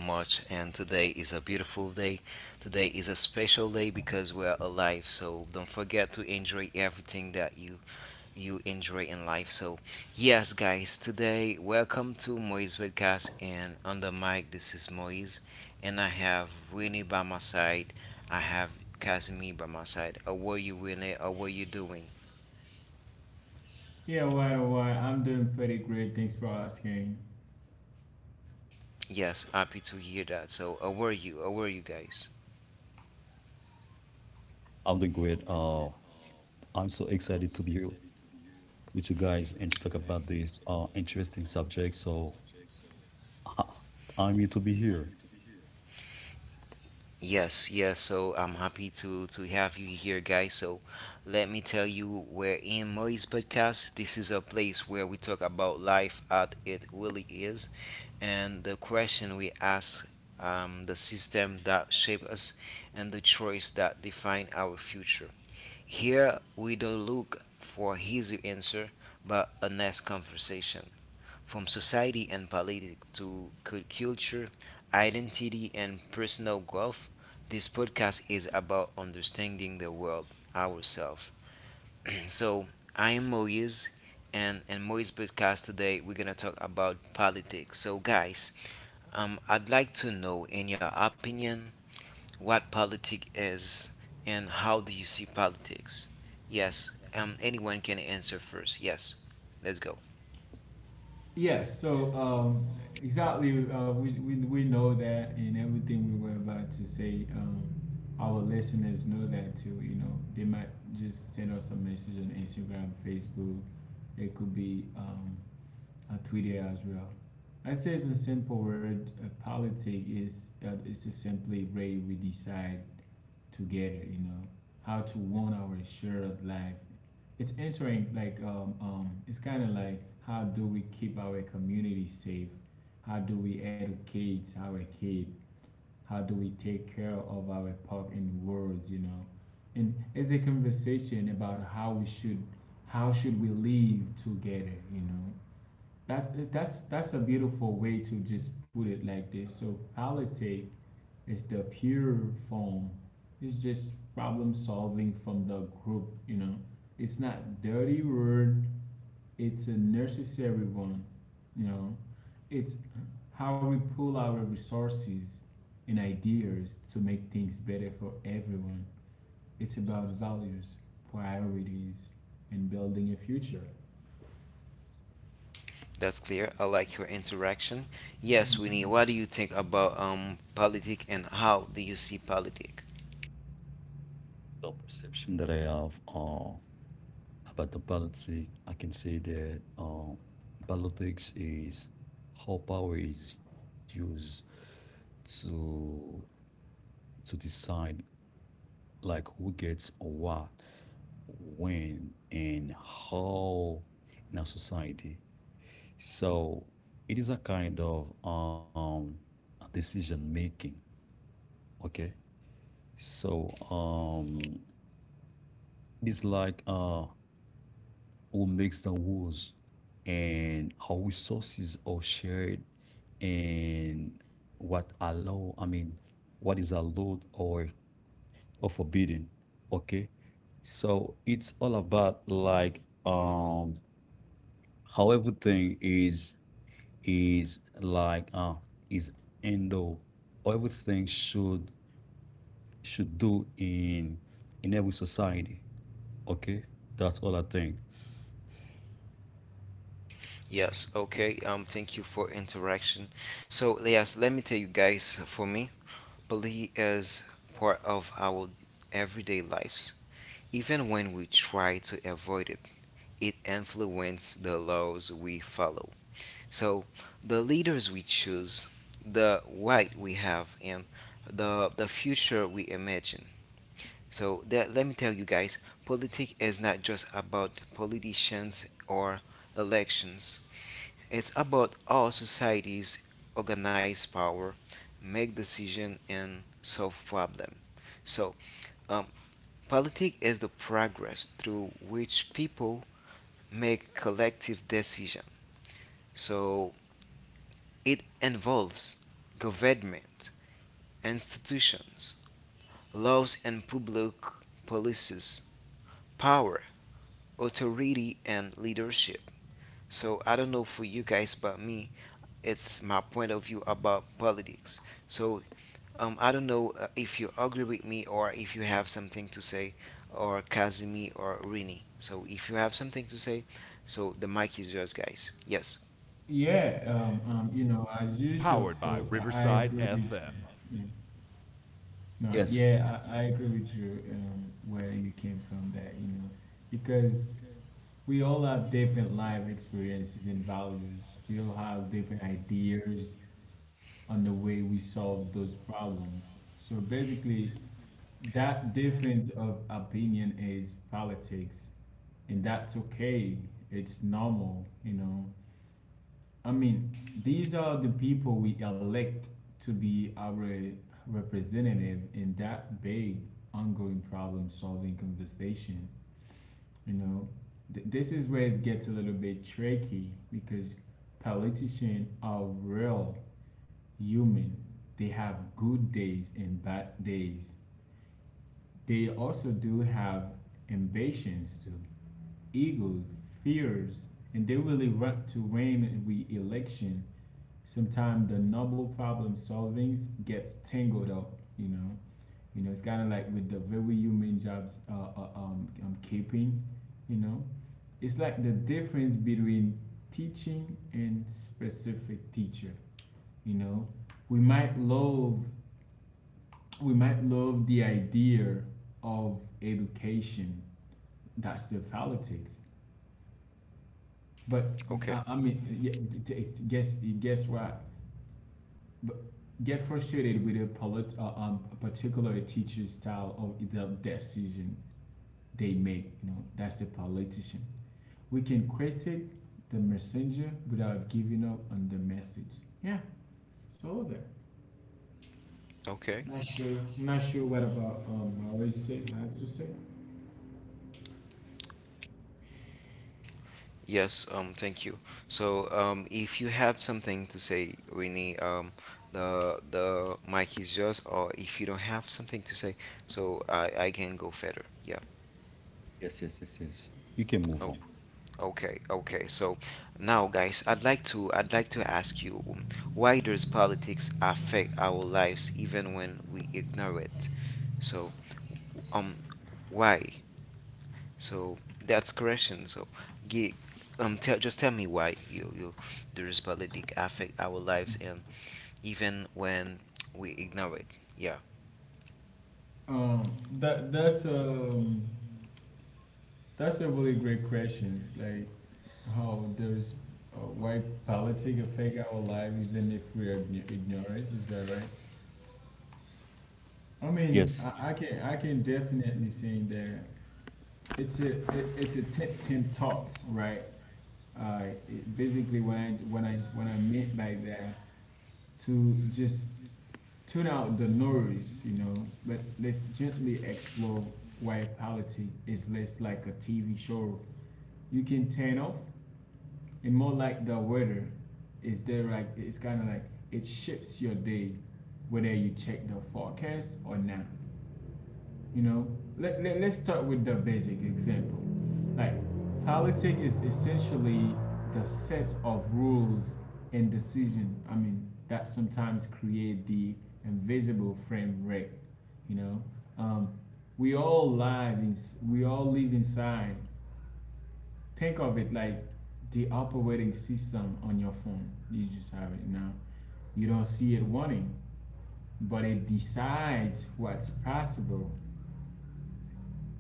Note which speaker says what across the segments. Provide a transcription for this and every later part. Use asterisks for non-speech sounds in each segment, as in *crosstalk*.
Speaker 1: March. Today a is a special day because we are alive. So don't forget to enjoy everything that you in life. So yes, guys, today welcome to Moise podcast, and under my is Moise, and I have Winnie by my side. I have Casimir by my side. How are you, Winnie? How are you doing?
Speaker 2: Yeah, why do why? I'm doing pretty great. Thanks for asking.
Speaker 1: Yes, happy to hear that. So how are you? How are you guys?
Speaker 3: I'm doing great. I'm so excited to be here with you guys and to talk about this interesting subject. So I'm here to be here.
Speaker 1: Yes, yes. So I'm happy to have you here, guys. So let me tell you, we're in Moise Podcast. This is a place where we talk about life as it really is, and the question we ask, the system that shape us, and the choice that define our future. Here we don't look for easy answer, but a nice conversation from society and politics to culture, identity, and personal growth. This podcast is about understanding the world ourselves. *clears throat* So, I am Moise, and in Moise podcast today, we're gonna talk about politics. So, guys, I'd like to know, in your opinion, what politics is and how do you see politics? Yes, anyone can answer first. Yes, let's go.
Speaker 2: Yes, so um, we know that, and everything we were about to say, our listeners know that too. You know, they might just send us a message on Instagram, Facebook. It could be a Twitter as well. I'd say it's a simple word. Politic is it's just simply way we decide together. You know, how to want our shared life, it's entering like it's kind of like, how do we keep our community safe, how do we educate our kid, how do we take care of our park and worlds, you know? And it's a conversation about how we should, how should we live together, you know? That's a beautiful way to just put it like this. So politics, it's the pure form. It's just problem solving from the group, you know. It's not dirty word, it's a necessary one, you know. It's how we pull our resources and ideas to make things better for everyone. It's about values, priorities, and building a future.
Speaker 1: That's clear. I like your interaction. Yes, Winnie, what do you think about politic and how do you see politic?
Speaker 3: The perception that I have about the politics, I can say that politics is how power is used to to decide like who gets what, when, and how in our society. So it is a kind of decision making. Okay. So it's like who makes the rules and how resources are shared and what is allowed or forbidden. Okay. So it's all about like how everything is is like uh is endo all. Everything should do in every society. Okay, that's all I think.
Speaker 1: Yes, okay. Thank you for interaction. So, yes, let me tell you guys, for me, belief is part of our everyday lives. Even when we try to avoid it, it influences the laws we follow. So, the leaders we choose, the right we have, and the future we imagine. So that, let me tell you guys, politics is not just about politicians or elections. It's about how societies organize power, make decisions, and solve problems. So, um, politics is the progress through which people make collective decisions. So, it involves government, institutions, laws, and public policies, power, authority, and leadership. So, I don't know for you guys, but me, it's my point of view about politics. So, I don't know if you agree with me or if you have something to say, or Kazimi or Rini. So if you have something to say, so the mic is yours, guys. Yes.
Speaker 2: Yeah, you know, as usual, I agree with you. No,
Speaker 3: Yes,
Speaker 2: yeah, I agree with you, where you came from there, you know, because we all have different life experiences and values. We all have different ideas on the way we solve those problems. So basically, that difference of opinion is politics, and that's okay. It's normal, you know. I mean, these are the people we elect to be our representative in that big ongoing problem solving conversation. You know, this is where it gets a little bit tricky because politicians are real human. They have good days and bad days. They also do have ambitions too, egos, fears, and they really want to win the election. Sometimes the noble problem solvings gets tangled up, you know. You know, it's kind of like with the very human jobs, am keeping, you know. It's like the difference between teaching and specific teacher, you know. We might love we might love the idea of education, that's the politics. But
Speaker 1: Okay,
Speaker 2: i, I mean yeah, guess guess what b- get frustrated with a particular teacher's style of the decision they make. You know, that's the politician. We can critique the messenger without giving up on the message. Yeah, it's all there.
Speaker 1: okay.
Speaker 2: Not sure. Not sure what about Maurice has to say.
Speaker 1: Yes. Thank you. So if you have something to say, Rini, the mic is yours. Or if you don't have something to say, so I can go further. Yeah.
Speaker 3: yes. You can move on.
Speaker 1: Oh. Okay, okay. So now, guys, I'd like to ask you, why does politics affect our lives even when we ignore it? So, um, why? So that's correction. So, gi- tell just tell me why you does politics affect our lives and even when we ignore it? Yeah.
Speaker 2: Um, that that's um that's a really great question. It's like how there's why politics affect our life even if we are ignorant. Is that right? I mean,
Speaker 3: Yes,
Speaker 2: I can, I can definitely say that it's a it, it's a Tim talks right. Basically, when I meant by that, to just tune out the noise, you know, but let's gently explore why polity is less like a TV show you can turn off, and more like the weather is there. Like it's kind of like, it shapes your day whether you check the forecast or not. You know, let's start with the basic example. Like, politics is essentially the set of rules and decision, I mean, that sometimes create the invisible frame rate, you know. Um, we all live in, we all live inside. Think of it like the operating system on your phone. You just have it now. You don't see it running, but it decides what's possible.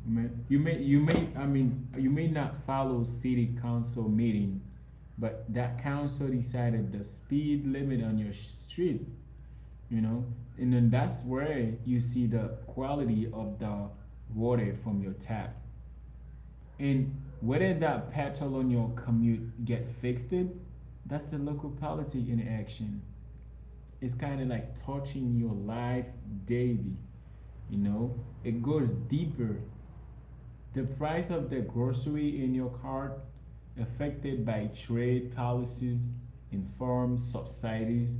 Speaker 2: I mean, you may not follow city council meeting, but that council decided the speed limit on your street, you know? And then that's where you see the quality of the water from your tap. And whether that petrol on your commute get fixed it, that's a local policy in action. It's kind of like touching your life daily, you know? It goes deeper. The price of the grocery in your cart affected by trade policies informed subsidies,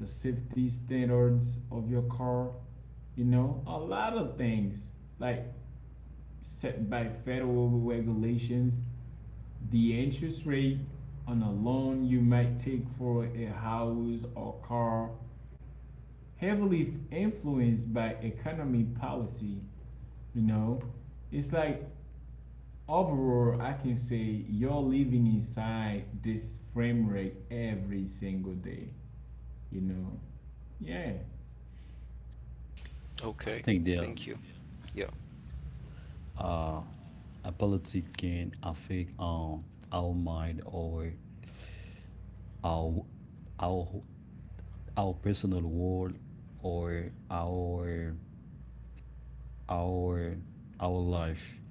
Speaker 2: the safety standards of your car, you know, a lot of things like set by federal regulations, the interest rate on a loan you might take for a house or car, heavily influenced by economy policy, you know. It's like overall, I can say you're living inside this frame rate every single day, you know? Yeah.
Speaker 3: I
Speaker 1: Okay.
Speaker 3: think there
Speaker 1: Thank you. Yeah.
Speaker 3: uh a politic can affect our mind or our our our personal world or our our our life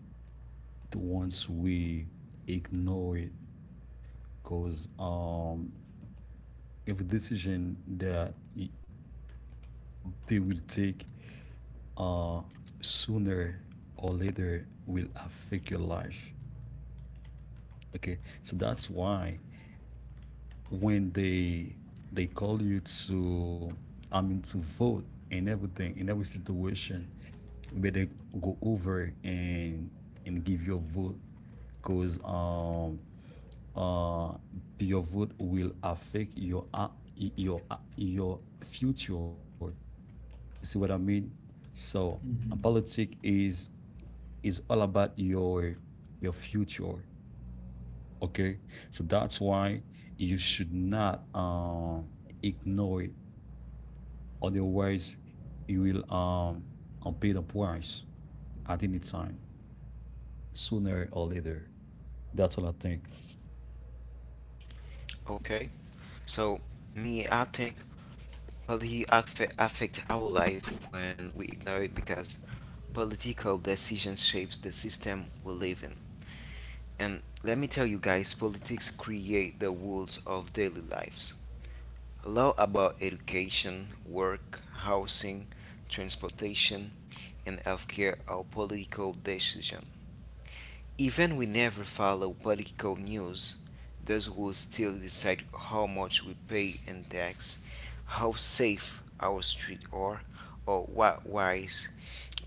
Speaker 3: once we ignore it because every decision that they will take uh, sooner or later will affect your life. Okay, so that's why when they call you to, I mean, to vote in everything in every situation, you better go over and give your vote because uh your vote will affect your your future. You see what I mean? So, and
Speaker 2: Mhm.
Speaker 3: politics is all about your future. Okay, so that's why you should not ignore it. Otherwise, you will and pay the price at any time, sooner or later. That's all I think.
Speaker 1: Okay. So me, I think. Policy affect our life when we ignore it because political decisions shapes the system we live in. And let me tell you guys, politics create the rules of daily lives. Law about education, work, housing, transportation, and healthcare are political decision. Even we never follow political news, those who still decide how much we pay in tax, how safe our streets are, or what ways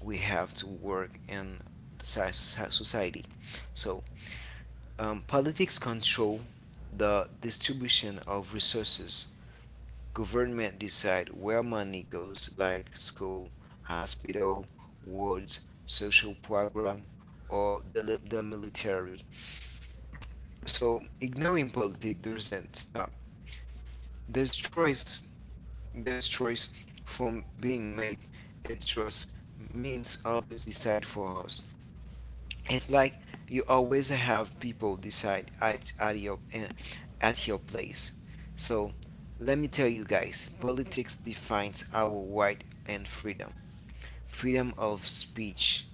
Speaker 1: we have to work in society. So, politics control the distribution of resources. Government decide where money goes, like school, hospital, wards, social program, or the military. So ignoring politics doesn't stop. There's choice. There's choice from being made. It just means others decide for us. It's like you always have people decide at your place. So let me tell you guys, politics defines our right and freedom. Freedom of speech,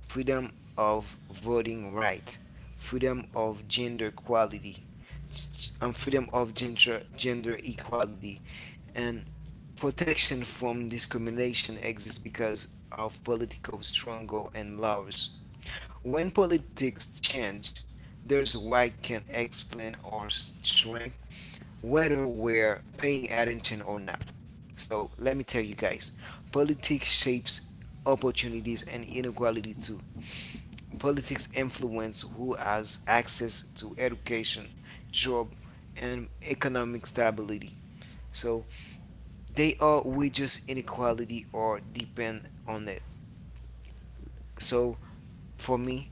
Speaker 1: freedom of voting right, freedom of gender equality, and freedom of gender equality and protection from discrimination exists because of political struggle and laws. When politics change, there's why can explain or shrink whether we're paying attention or not. So let me tell you guys, politics shapes opportunities and inequality too. Politics influence who has access to education, job, and economic stability. So they are wages inequality or depend on it. So for me,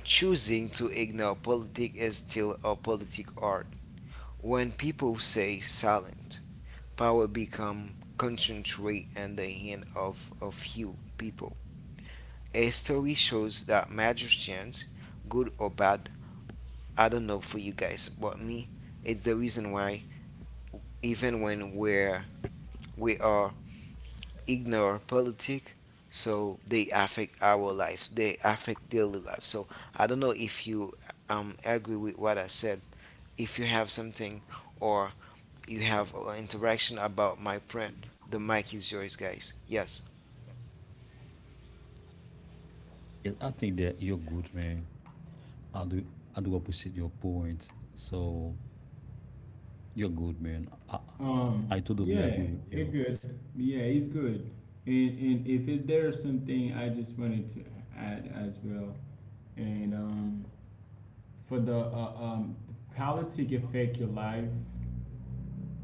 Speaker 1: choosing to ignore politics is still a politic art. When people say silent, power become concentrate in the hand of a few people. A story shows that magicians, good or bad, I don't know for you guys, but me, it's the reason why even when we are ignore politics, so they affect our life, they affect daily life. So I don't know if you agree with what I said, if you have something or you have interaction about my print, the mic is yours, guys. Yes.
Speaker 3: And I think that you're good, man. I do I do appreciate your point. So you're good, man. I totally
Speaker 2: Yeah,
Speaker 3: agree with
Speaker 2: it
Speaker 3: you.
Speaker 2: good. Yeah, it's good. And if it, there's something I just wanted to add as well, and for the politics affect your life,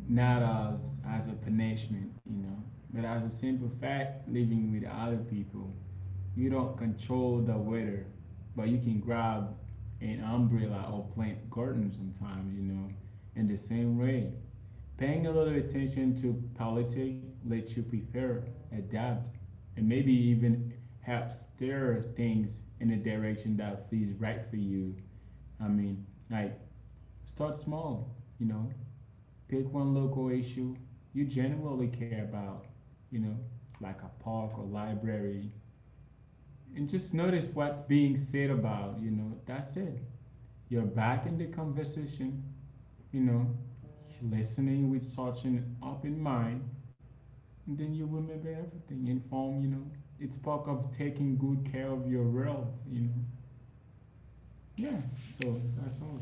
Speaker 2: not as as a punishment, you know, but as a simple fact, living with other people. You don't control the weather, but you can grab an umbrella or plant garden sometimes, you know. In the same way, paying a little attention to politics lets you prepare, adapt, and maybe even help steer things in a direction that feels right for you. I mean, like, start small, you know. Pick one local issue you genuinely care about, you know, like a park or library, and just notice what's being said about, you know. That's it, you're back in the conversation, you know, listening with such an open mind. And then you remember everything inform, you know, it's part of taking good care of your world, you know. Yeah, so that's all.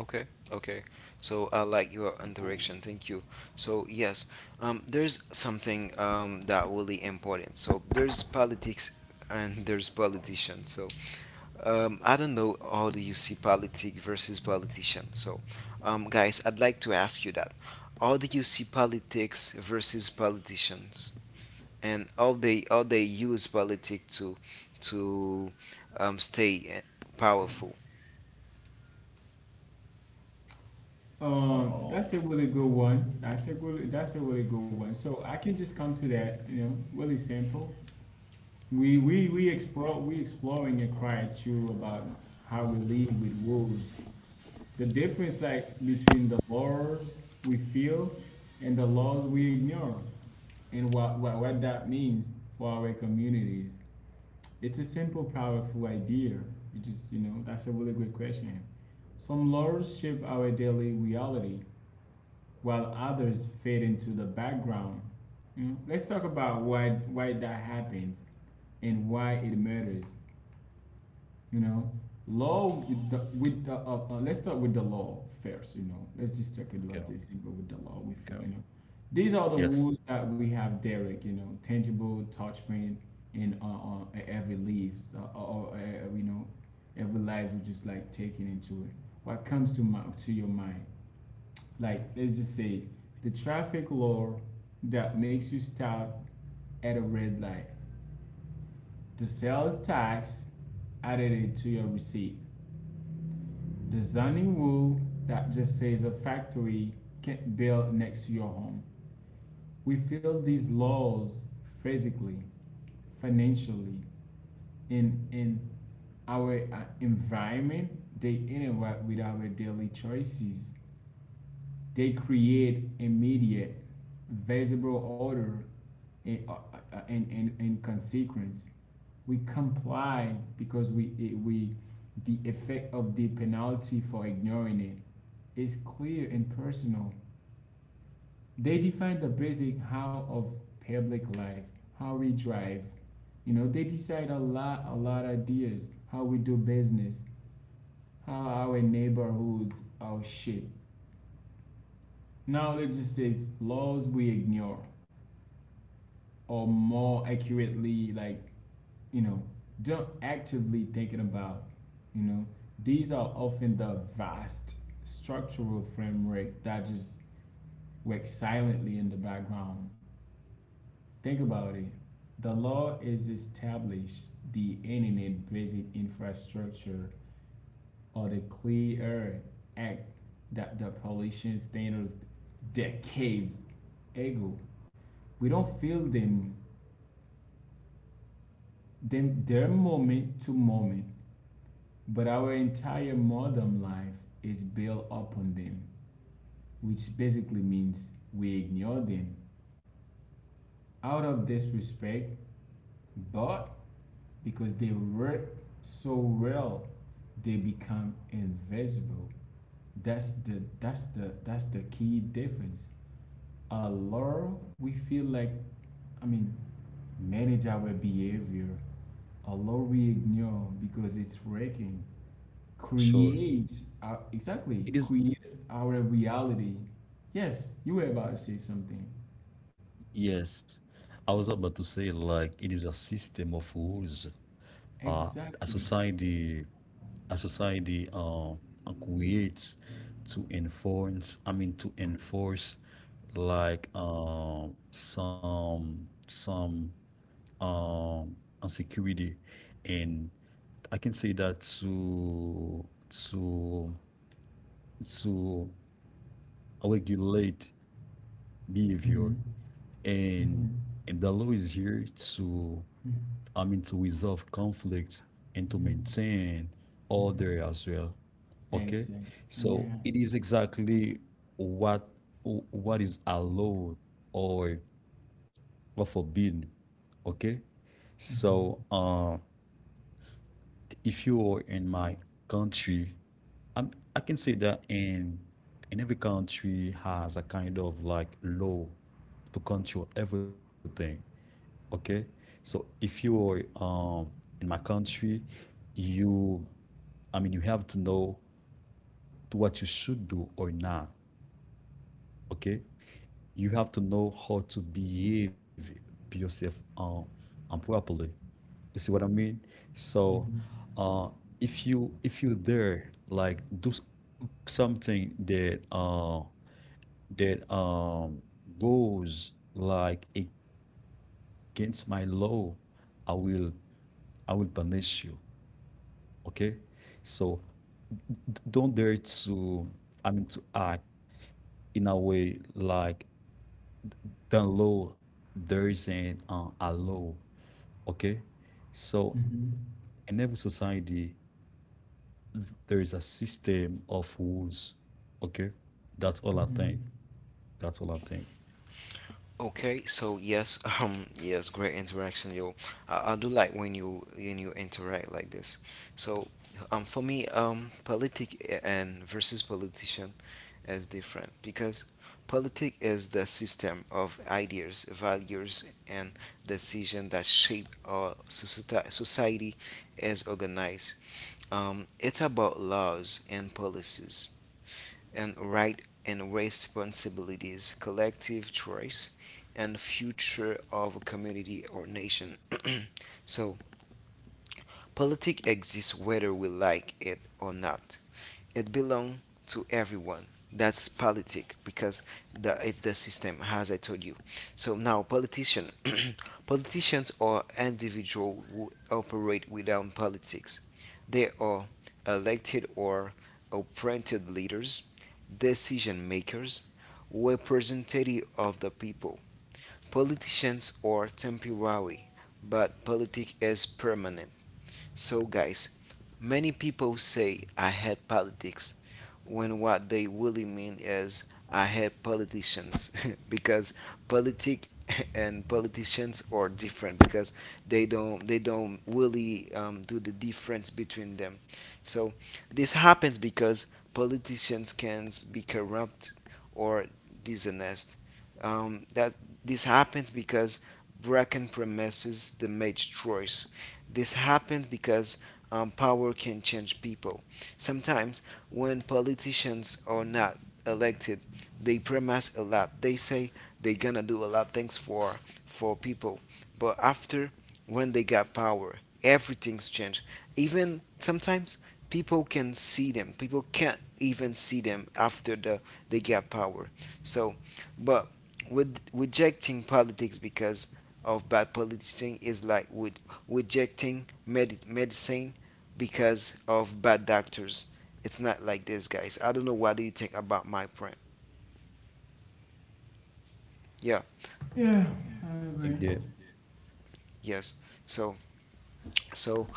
Speaker 1: Okay, okay. So I like your interaction. Thank you. So yes, there's something that really important. So there's politics and there's politicians. So I don't know how do you see politic versus politician. So, guys, I'd like to ask you that. How do you see politics versus politicians, and how they use politics to stay powerful?
Speaker 2: That's a really good one, that's a really good one. So I can just come to that, you know, really simple. We exploring a cry too about how we live with wolves. The difference like between the laws we feel and the laws we ignore, and what that means for our communities. It's a simple, powerful idea. You just, you know, that's a really good question. Some laws shape our daily reality while others fade into the background. You know, let's talk about why that happens and why it matters. You know, law let's start with the law first. You know, let's just take it
Speaker 3: Okay.
Speaker 2: last example with the law. We feel,
Speaker 3: Okay.
Speaker 2: you know, these are the
Speaker 3: Yes.
Speaker 2: rules that we have, Derek. You know, tangible, touch pain, and every leaves or you know, every life we just like taking into it. What comes to my to your mind? Like let's just say the traffic law that makes you stop at a red light, the sales tax added it to your receipt. Designing rule that just says a factory can't build next to your home. We feel these laws physically, financially, and in our environment. They interact with our daily choices. They create immediate, visible order and consequence. We comply because we the effect of the penalty for ignoring it is clear and personal. They define the basic how of public life, how we drive. You know, they decide a lot of ideas, how we do business, how our neighborhoods are shaped. Now it just says laws we ignore, or more accurately, like you know, don't actively thinking about. You know, these are often the vast structural framework that just works silently in the background. Think about it. The law is establish the Internet Basic Infrastructure or the Clean Air Act that the pollution standards decades ago. We don't feel them, their moment to moment, but our entire modern life is built upon them, which basically means we ignore them out of disrespect, but because they work so well they become invisible. That's the key difference. A lot we feel like, I mean, manage our behavior. A lot we ignore because it's working,
Speaker 3: Sure.
Speaker 2: creates our, exactly
Speaker 3: It is,
Speaker 2: create our reality. Yes, you were about to say something.
Speaker 3: yes. I was about to say, like, it is a system of rules. Uh, a
Speaker 2: Exactly.
Speaker 3: society, a society, creates to enforce, I mean, to enforce, like, some, um, insecurity. And I can say that to regulate
Speaker 2: Mhm.
Speaker 3: behavior and
Speaker 2: Mhm.
Speaker 3: and the law is here to
Speaker 2: Mhm.
Speaker 3: I mean to resolve conflict and to
Speaker 2: Mhm.
Speaker 3: maintain order
Speaker 2: Mhm.
Speaker 3: as well. Okay,
Speaker 2: Exactly.
Speaker 3: so
Speaker 2: Yeah.
Speaker 3: it is exactly what what is allowed or forbidden. Okay, so if you are in my country, I can say that in every country has a kind of like law to control everything. Okay, so if you're in my country, you, I mean, you have to know to what you should do or not. Okay, you have to know how to behave yourself properly. You see what I mean? So,
Speaker 2: Mm-hmm.
Speaker 3: uh, if you there like something that that um goes like against my law, I will I will punish you. Okay, so don't dare to, I mean, to act in a way like the law there isn't a law. Okay, so
Speaker 2: Mm-hmm. Mm-hmm.
Speaker 3: in every society there is a system of rules. Okay, that's all I think.
Speaker 2: Mm-hmm.
Speaker 3: That's all I think.
Speaker 1: Okay, so yes, *laughs* yes, great interaction, yo. I do like when you interact like this. So, for me, politic eh, and versus politician is different because politic is the system of ideas, values, and decision that shape our society. Is organized. It's about laws and policies and right and responsibilities, collective choice, and future of a community or nation. So, politics exists whether we like it or not. It belongs to everyone. That's politic because it's the system, as I told you. So now, politician, *clears throat* politicians are individuals who operate without politics. They are elected or appointed leaders, decision makers, representative of the people. Politicians are temporary, but politics is permanent. So, guys, many people say I hate politics when what they really mean is I hate politicians *laughs* because politic *laughs* and politicians are different because they don't really do the difference between them. So this happens because politicians can be corrupt or dishonest. That this happens because broken promises, the made choice, this happens because power can change people. Sometimes, when politicians are not elected, they promise a lot. They say they're gonna do a lot of things for people, but after when they got power, everything's changed. Even sometimes people can see them. People can't even see them after they get power. So, but with rejecting politics because of bad politician is like with rejecting medicine because of bad doctors. It's not like this, guys. I don't know what do you think about my friend. Yeah,
Speaker 2: Yeah,
Speaker 3: I
Speaker 2: I
Speaker 3: think
Speaker 2: agree.
Speaker 3: they
Speaker 1: yes. So, so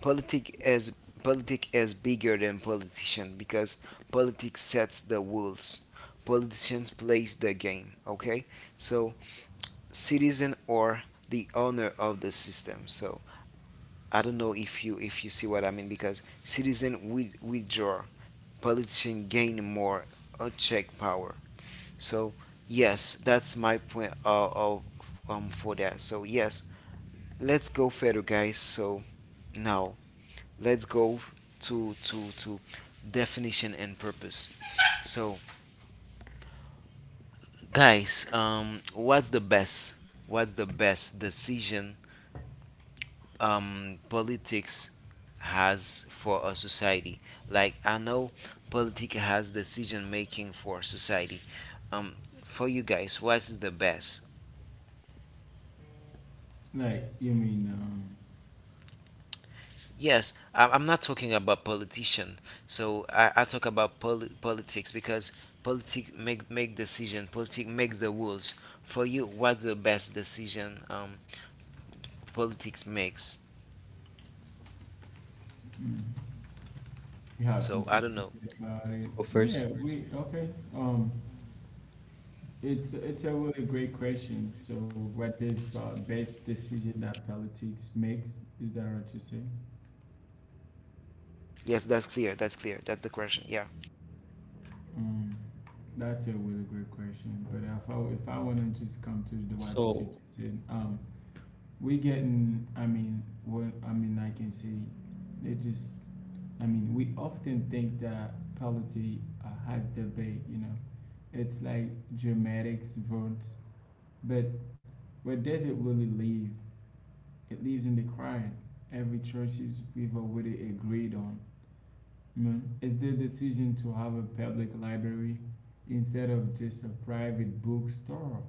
Speaker 1: politic as politic is bigger than politician because politics sets the rules. Politicians plays the game. Okay, so citizen or the owner of the system. So I don't know if you see what I mean because citizen withdraw politicians gaining more unchecked power. So yes, that's my point of for that. So yes, let's go further, guys. So now let's go to definition and purpose. So guys, what's the best? What's the best decision politics has for a society. Like I know politics has decision making for society. Um, for you guys, what is the best?
Speaker 2: Like, you mean,
Speaker 1: Yes, I'm not talking about politician. So I talk about politics because politics make decision. Politics makes the rules. For you, what's the best decision politics makes?
Speaker 2: mm, you have
Speaker 1: So I
Speaker 2: something
Speaker 3: go
Speaker 1: don't know.
Speaker 2: to
Speaker 3: first.
Speaker 2: say about it? Yeah, we okay. Um, it's a really great question. So, what is the best decision that politics makes? Is that what you say?
Speaker 1: Yes, that's clear. That's clear. That's the question. Yeah.
Speaker 2: Um, that's a really great question. But if I want
Speaker 3: So
Speaker 2: to just come to the, what you just said, we getting. I mean, what I mean, I can say, it just I mean, we often think that polity has debate, you know, it's like dramatics, votes, but where does it really leave? It leaves in the crowd. Every choices we've already agreed on. Man, it's the decision to have a public library instead of just a private bookstore.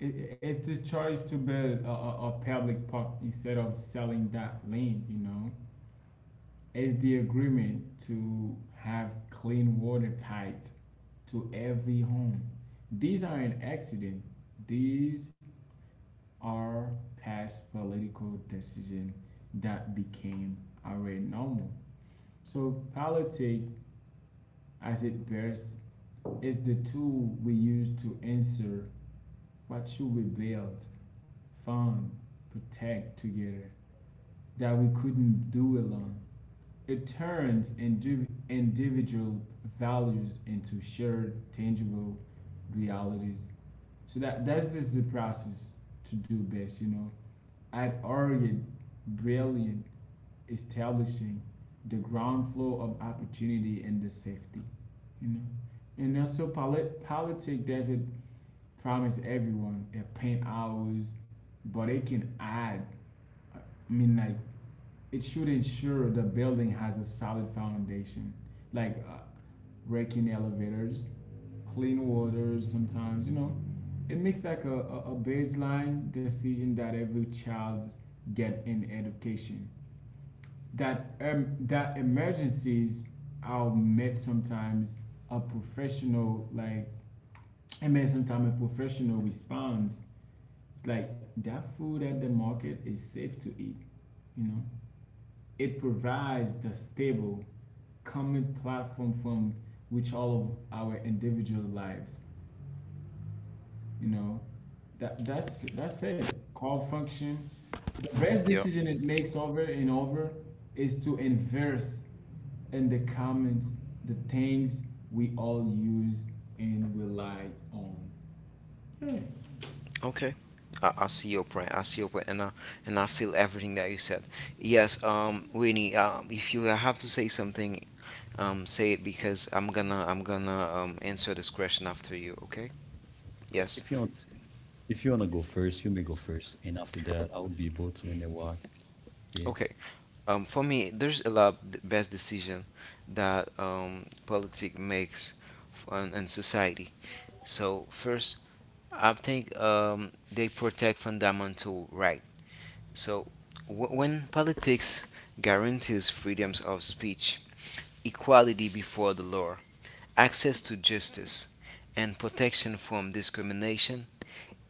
Speaker 2: It's the choice to build a, a public park instead of selling that land, you know. It's the agreement to have clean water pipe to every home. These are an accident. These are past political decisions that became already normal. So politics, as it bears, is the tool we use to answer what should we build, fund, protect together that we couldn't do alone. It turns individual values into shared, tangible realities. So that's just the process to do best, you know. I'd already brilliant establishing the ground floor of opportunity and the safety, you know. And also politics doesn't promise everyone a paint hours, but it can add. I mean, like it should ensure the building has a solid foundation, like raking elevators, clean water sometimes, you know. It makes like a baseline decision that every child get in education, that that emergencies are met sometimes a professional like. I mean, sometimes a professional responds. It's like that food at the market is safe to eat, you know. It provides the stable common platform from which all of our individual lives. You know, that's it. Call function. The best
Speaker 1: Yeah.
Speaker 2: decision it makes over and over is to inverse in the comments the things we all use and rely on. Yeah,
Speaker 1: Okay. I see your point. I see your point, and I feel everything that you said. Yes, Winnie, if you have to say something, say it because I'm gonna answer this question after you. Okay?
Speaker 3: yes,
Speaker 1: Yes.
Speaker 3: if you want, if you wanna go first, you may go first, and after that, I will be able to in a while. Yeah.
Speaker 1: Okay. For me, there's a lot of the best decision that politic makes f- on in society. So first, I think they protect fundamental rights. So, when politics guarantees freedoms of speech, equality before the law, access to justice, and protection from discrimination,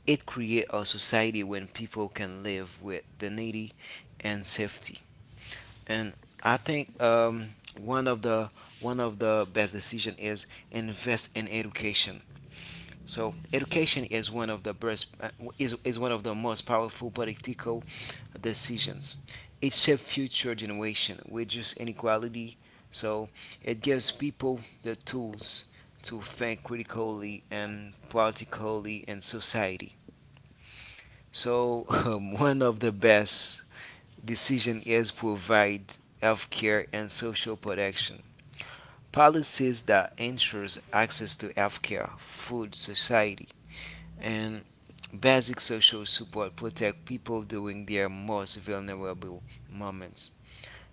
Speaker 1: it creates a society when people can live with dignity and safety. And I think one of the one of the best decision is invest in education. So education is one of the best, is one of the most powerful political decisions. It shapes future generation, reduces inequality, so it gives people the tools to think critically and politically in society. So *laughs* one of the best decision is provide healthcare and social protection. Policies that ensures access to healthcare, food, society, and basic social support protect people during their most vulnerable moments.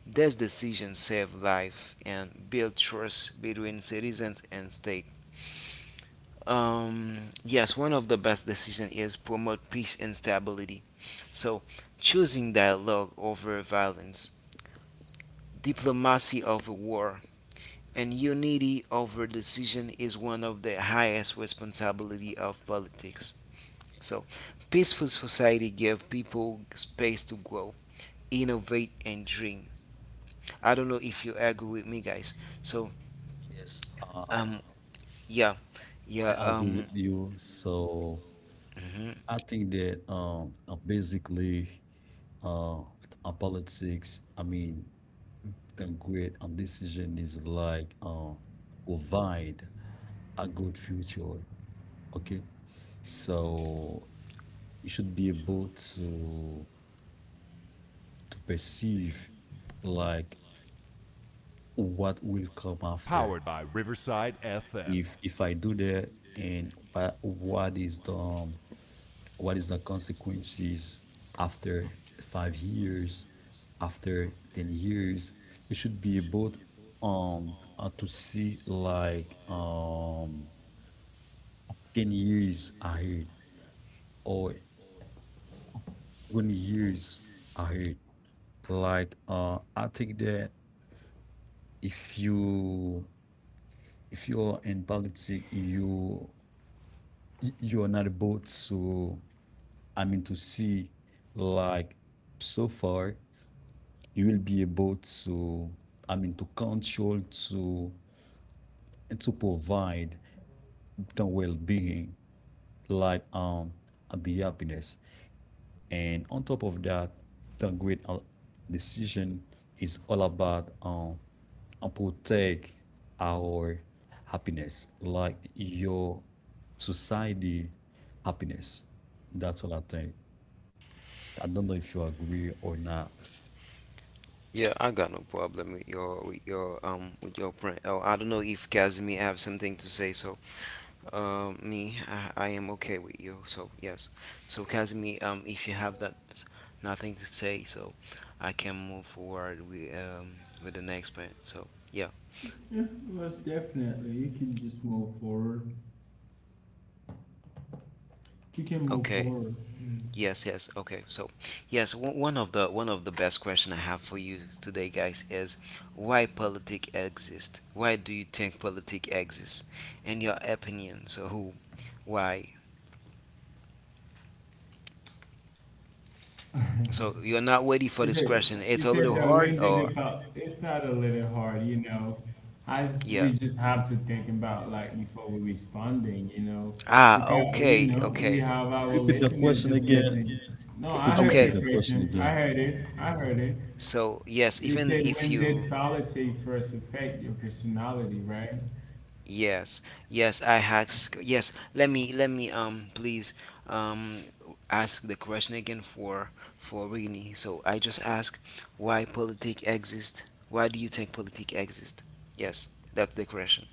Speaker 1: These decisions save life and build trust between citizens and state. Yes, one of the best decisions is promote peace and stability. So, choosing dialogue over violence, diplomacy over war, and unity over decision is one of the highest responsibility of politics. So, peaceful society give people space to grow, innovate, and dream. I don't know if you agree with me, guys. So,
Speaker 3: Uh,
Speaker 1: um, yeah, yeah,
Speaker 3: I agree
Speaker 1: um,
Speaker 3: with you. So
Speaker 1: mhm.
Speaker 3: I think that basically uh our politics, I mean the great decision is like provide a good future. Okay. So you should be able to perceive like what will come after. If I do that and what is the what is the consequences after 5 years, after 10 years, you should be able to see like 10 years ahead or 20 years ahead. I think that if you if you're in politics you you're not able to I mean to see like so far. You will be able to I mean to control to provide the well-being like the happiness, and on top of that, the great decision is all about protect our happiness like your society happiness. That's all I think. I don't know if you agree or not.
Speaker 1: Yeah, I got no problem with your with your print. Oh, I don't know if Casimir have something to say. So, me, I am okay with you. So yes, so Casimir, if you have that nothing to say, so I can move forward with the next print. So yeah,
Speaker 2: yeah, most definitely. You can just move forward. You can move
Speaker 1: okay.
Speaker 2: forward.
Speaker 1: Yes, yes. Okay. So, yes, one of the best question I have for you today, guys, is why politic exist? Why do you think politic exists? In your opinion, so who, why?
Speaker 2: Yeah. *laughs*
Speaker 1: So you're not ready
Speaker 2: You
Speaker 1: for this
Speaker 2: said
Speaker 1: question.
Speaker 2: you
Speaker 1: It's a
Speaker 2: said
Speaker 1: little
Speaker 2: uh,
Speaker 1: hard,
Speaker 2: when did
Speaker 1: or
Speaker 2: it felt? It's not a little hard, you know. As
Speaker 1: yeah.
Speaker 2: we just have to think about like before we responding, you know. We
Speaker 1: Ah,
Speaker 2: got, you know, we have our
Speaker 3: Repeat the
Speaker 2: listeners
Speaker 3: question
Speaker 2: just
Speaker 3: again.
Speaker 2: listening. No,
Speaker 3: So
Speaker 2: I
Speaker 3: could you
Speaker 2: heard the
Speaker 3: repeat
Speaker 1: okay.
Speaker 3: the question
Speaker 2: question. I
Speaker 3: again?
Speaker 2: heard it. I heard it.
Speaker 1: So yes,
Speaker 2: You
Speaker 1: even
Speaker 2: said
Speaker 1: if
Speaker 2: when
Speaker 1: you.
Speaker 2: did policy first affect your personality, right?
Speaker 1: Yes, yes, I ask. Yes, let me, please, um, ask the question again for Rini. So I just ask why politic exist. Why do you think politic exist? Yes, that's the question.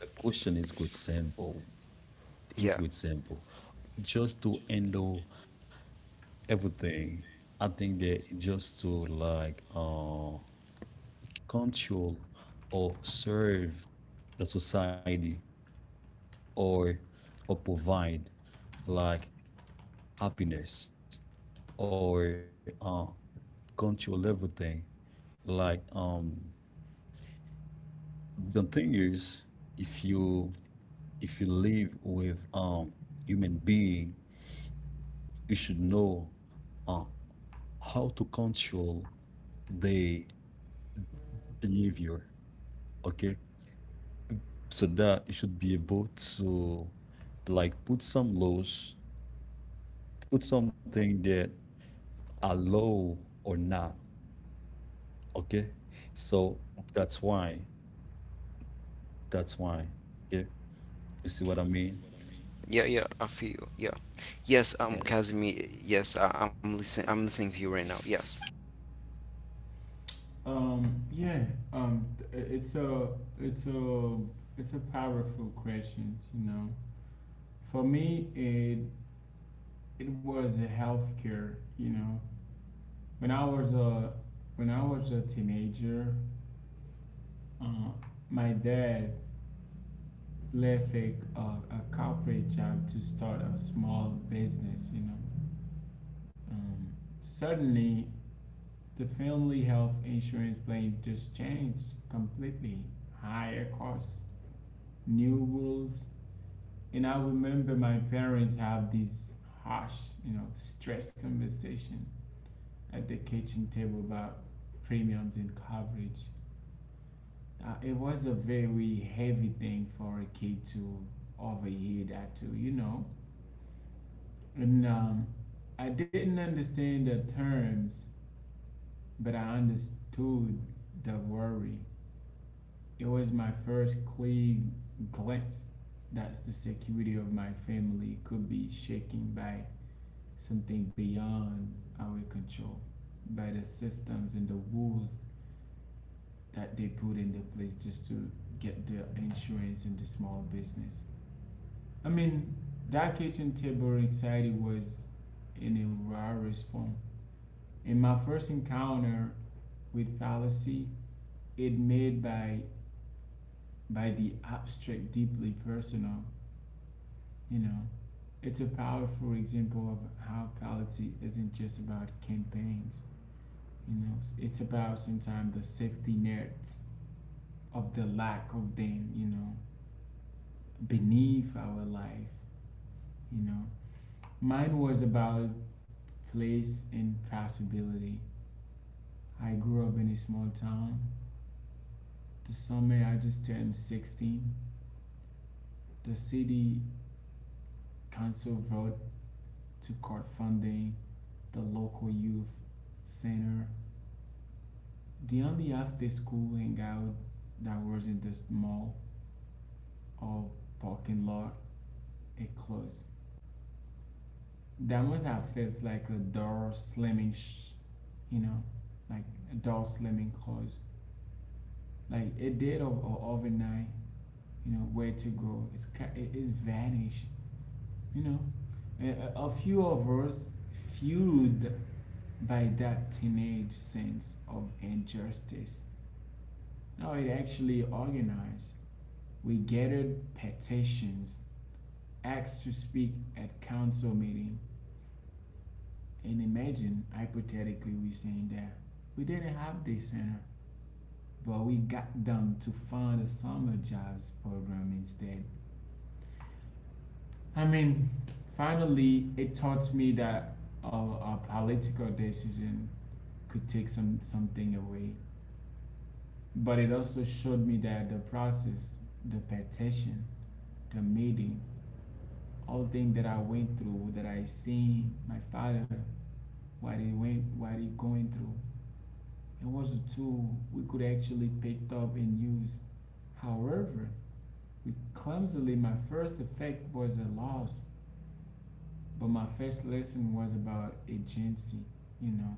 Speaker 3: The question is quite simple. It's
Speaker 1: Yeah,
Speaker 3: quite simple. Just to handle everything, I think that just to like control or serve the society or provide like happiness or control everything. Like the thing is if you live with human being, you should know uh, how to control the behavior. Okay, so that you should be able to like put some laws, put something that allow or not. Okay, so that's why that's why. Okay, you see what I mean?
Speaker 1: yeah. I feel you. Yeah, yes.
Speaker 3: Yes,
Speaker 1: Casimir. Yes, I'm listening. I'm listening to you right now. Yes,
Speaker 2: Um, yeah, it's it's a a powerful question, you know. For me, it was healthcare. You know, when I was a when I was a teenager, uh, my dad left a corporate job to start a small business. You know, um, suddenly the family health insurance plan just changed completely. Higher costs, new rules, and I remember my parents have these harsh, you know, stress conversation at the kitchen table about premiums and coverage. It was a very heavy thing for a kid to overhear that too, you know. And I didn't understand the terms, but I understood the worry. It was my first clear glimpse that the security of my family could be shaken by something beyond our control, by the systems and the rules that they put in the place just to get the insurance in the small business. I mean, that kitchen table anxiety was in a rarest form. In my first encounter with fallacy, it made by the abstract, deeply personal. You know, it's a powerful example of how fallacy isn't just about campaigns. You know, it's about sometimes the safety nets of the lack of them. You know, beneath our life, you know. Mine was about place and possibility. I grew up in a small town. The summer I just turned 16, the city council voted to cut funding the local youth center. The only after school hangout that was in the mall or parking lot, it closed. That must have felt like a door slamming, you know, like a door slamming closed. Like a date of or overnight, you know where to go. It's vanished. You know, a few of us fueled by that teenage sense of injustice. Now it actually organized. We gathered petitions, asked to speak at council meeting, and imagine hypothetically we saying that we didn't have this center, but we got them to fund a summer jobs program instead. I mean, finally, it taught me that our political decision could take some something away. But it also showed me that the process, the petition, the meeting, all things that I went through, that I seen my father, what he went, what he going through, it was a tool we could actually pick up and use. However, we clumsily, my first effect was a loss. But my first lesson was about agency, you know.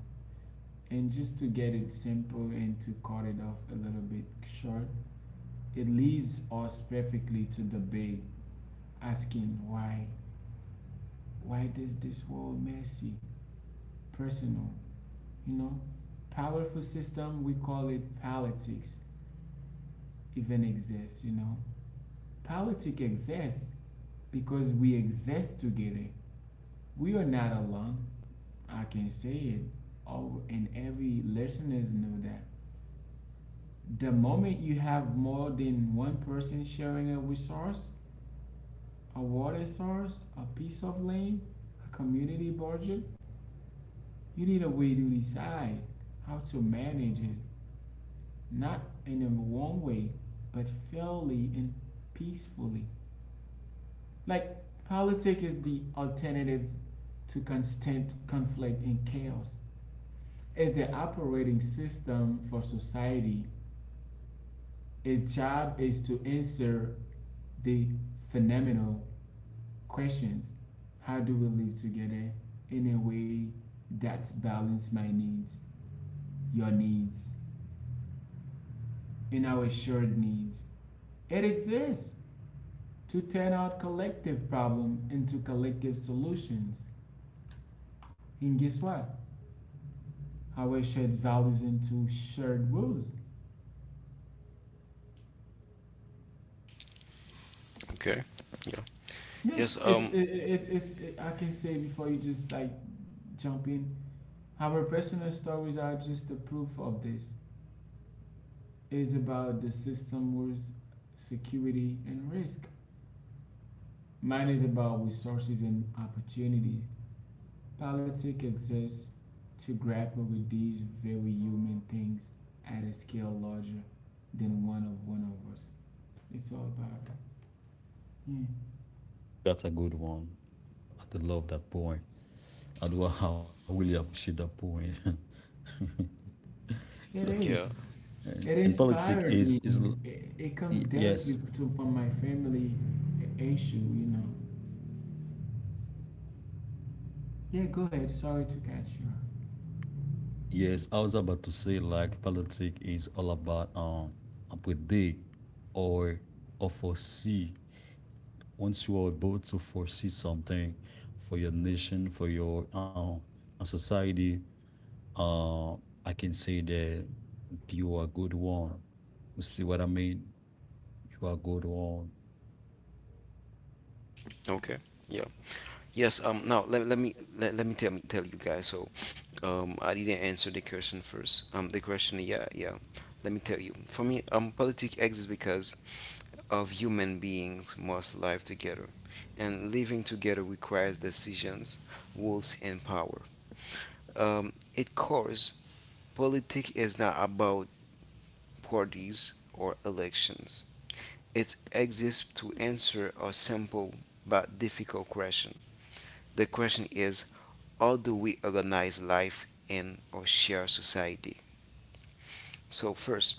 Speaker 2: And just to get it simple and to cut it off a little bit short, it leads us perfectly to the big asking why. Why does this world messy? Personal, you know? Powerful system, we call it politics, even exists, you know? Politics exists because we exist together. We are not alone. I can say it. All and every listeners know that. The moment you have more than one person sharing a resource, a water source, a piece of land, a community budget, you need a way to decide how to manage it, not in a wrong way, but fairly and peacefully. Like, politics is the alternative to constant conflict and chaos. It's the operating system for society. Its job is to answer the phenomenal questions: how do we live together in a way that balance my needs, your needs, and our shared needs. It exists to turn out collective problem into collective solutions, and guess what, our shared values into shared rules. Yeah,
Speaker 1: yes.
Speaker 2: it's it, it, it's it, I can say before you just like jump in, our personal stories are just a proof of this. Is about the system rules, security and risk. Mine is about resources and opportunities. Politics exists to grapple with these very human things at a scale larger than one of us. It's all about it. Yeah.
Speaker 3: that's a good one. I do love that point. I do *laughs* I really appreciate that point. *laughs* So
Speaker 2: It is.
Speaker 1: Yeah.
Speaker 2: It
Speaker 3: and politics
Speaker 2: inspired me.
Speaker 3: is
Speaker 2: It comes
Speaker 3: yes.
Speaker 2: directly to, from my family issue, you know. Yeah, go ahead. Sorry to catch you.
Speaker 3: Yes, I was about to say like politics is all about and predict or foresee. Once you are able to foresee something for your nation, for your society, uh, I can say that you are a good one. You see what I mean? You are a good one.
Speaker 1: Okay. Yeah. Yes, now let me let me tell you guys. So I didn't answer the question first. The question yeah, yeah. Let me tell you. For me, politics exists because of human beings must live together. And living together requires decisions, rules and power. It cause politics is not about parties or elections. It exists to answer a simple but difficult question. The question is: how do we organize life in our shared society? So first,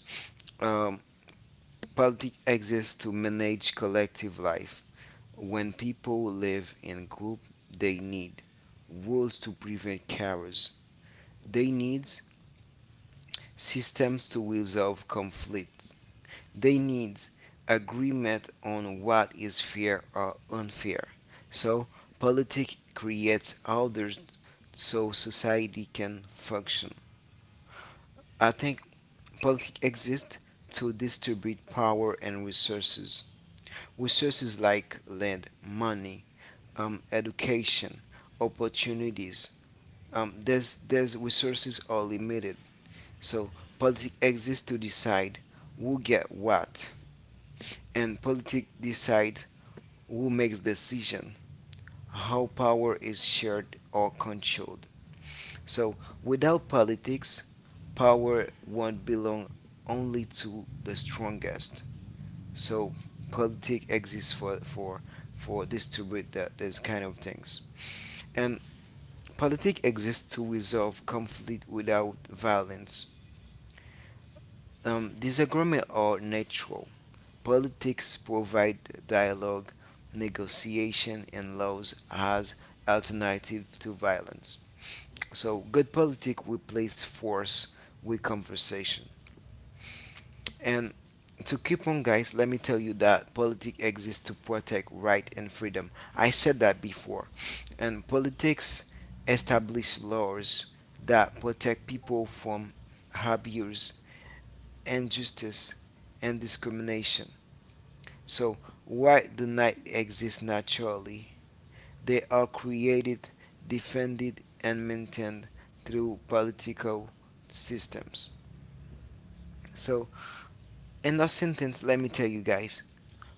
Speaker 1: um, politics exists to manage collective life. When people live in group, they need rules to prevent chaos. They need systems to resolve conflicts. They need agreement on what is fair or unfair. So politics creates orders so society can function. I think politics exist to distribute power and resources. Resources like land, money, education, opportunities. There's resources are limited. So politics exist to decide who get what, and politics decide who makes decision, how power is shared or controlled. So without politics, power won't belong only to the strongest. So politics exists for distribute that these kind of things. And politics exists to resolve conflict without violence. Disagreement are natural. Politics provide dialogue, negotiation, and laws as alternative to violence. So good politics replace force with conversation. And to keep on, guys, let me tell you that politics exists to protect right and freedom. I said that before. And politics establish laws that protect people from abuse, injustice, and discrimination. So, rights do not exist naturally. They are created, defended, and maintained through political systems. So, in a sentence, let me tell you guys,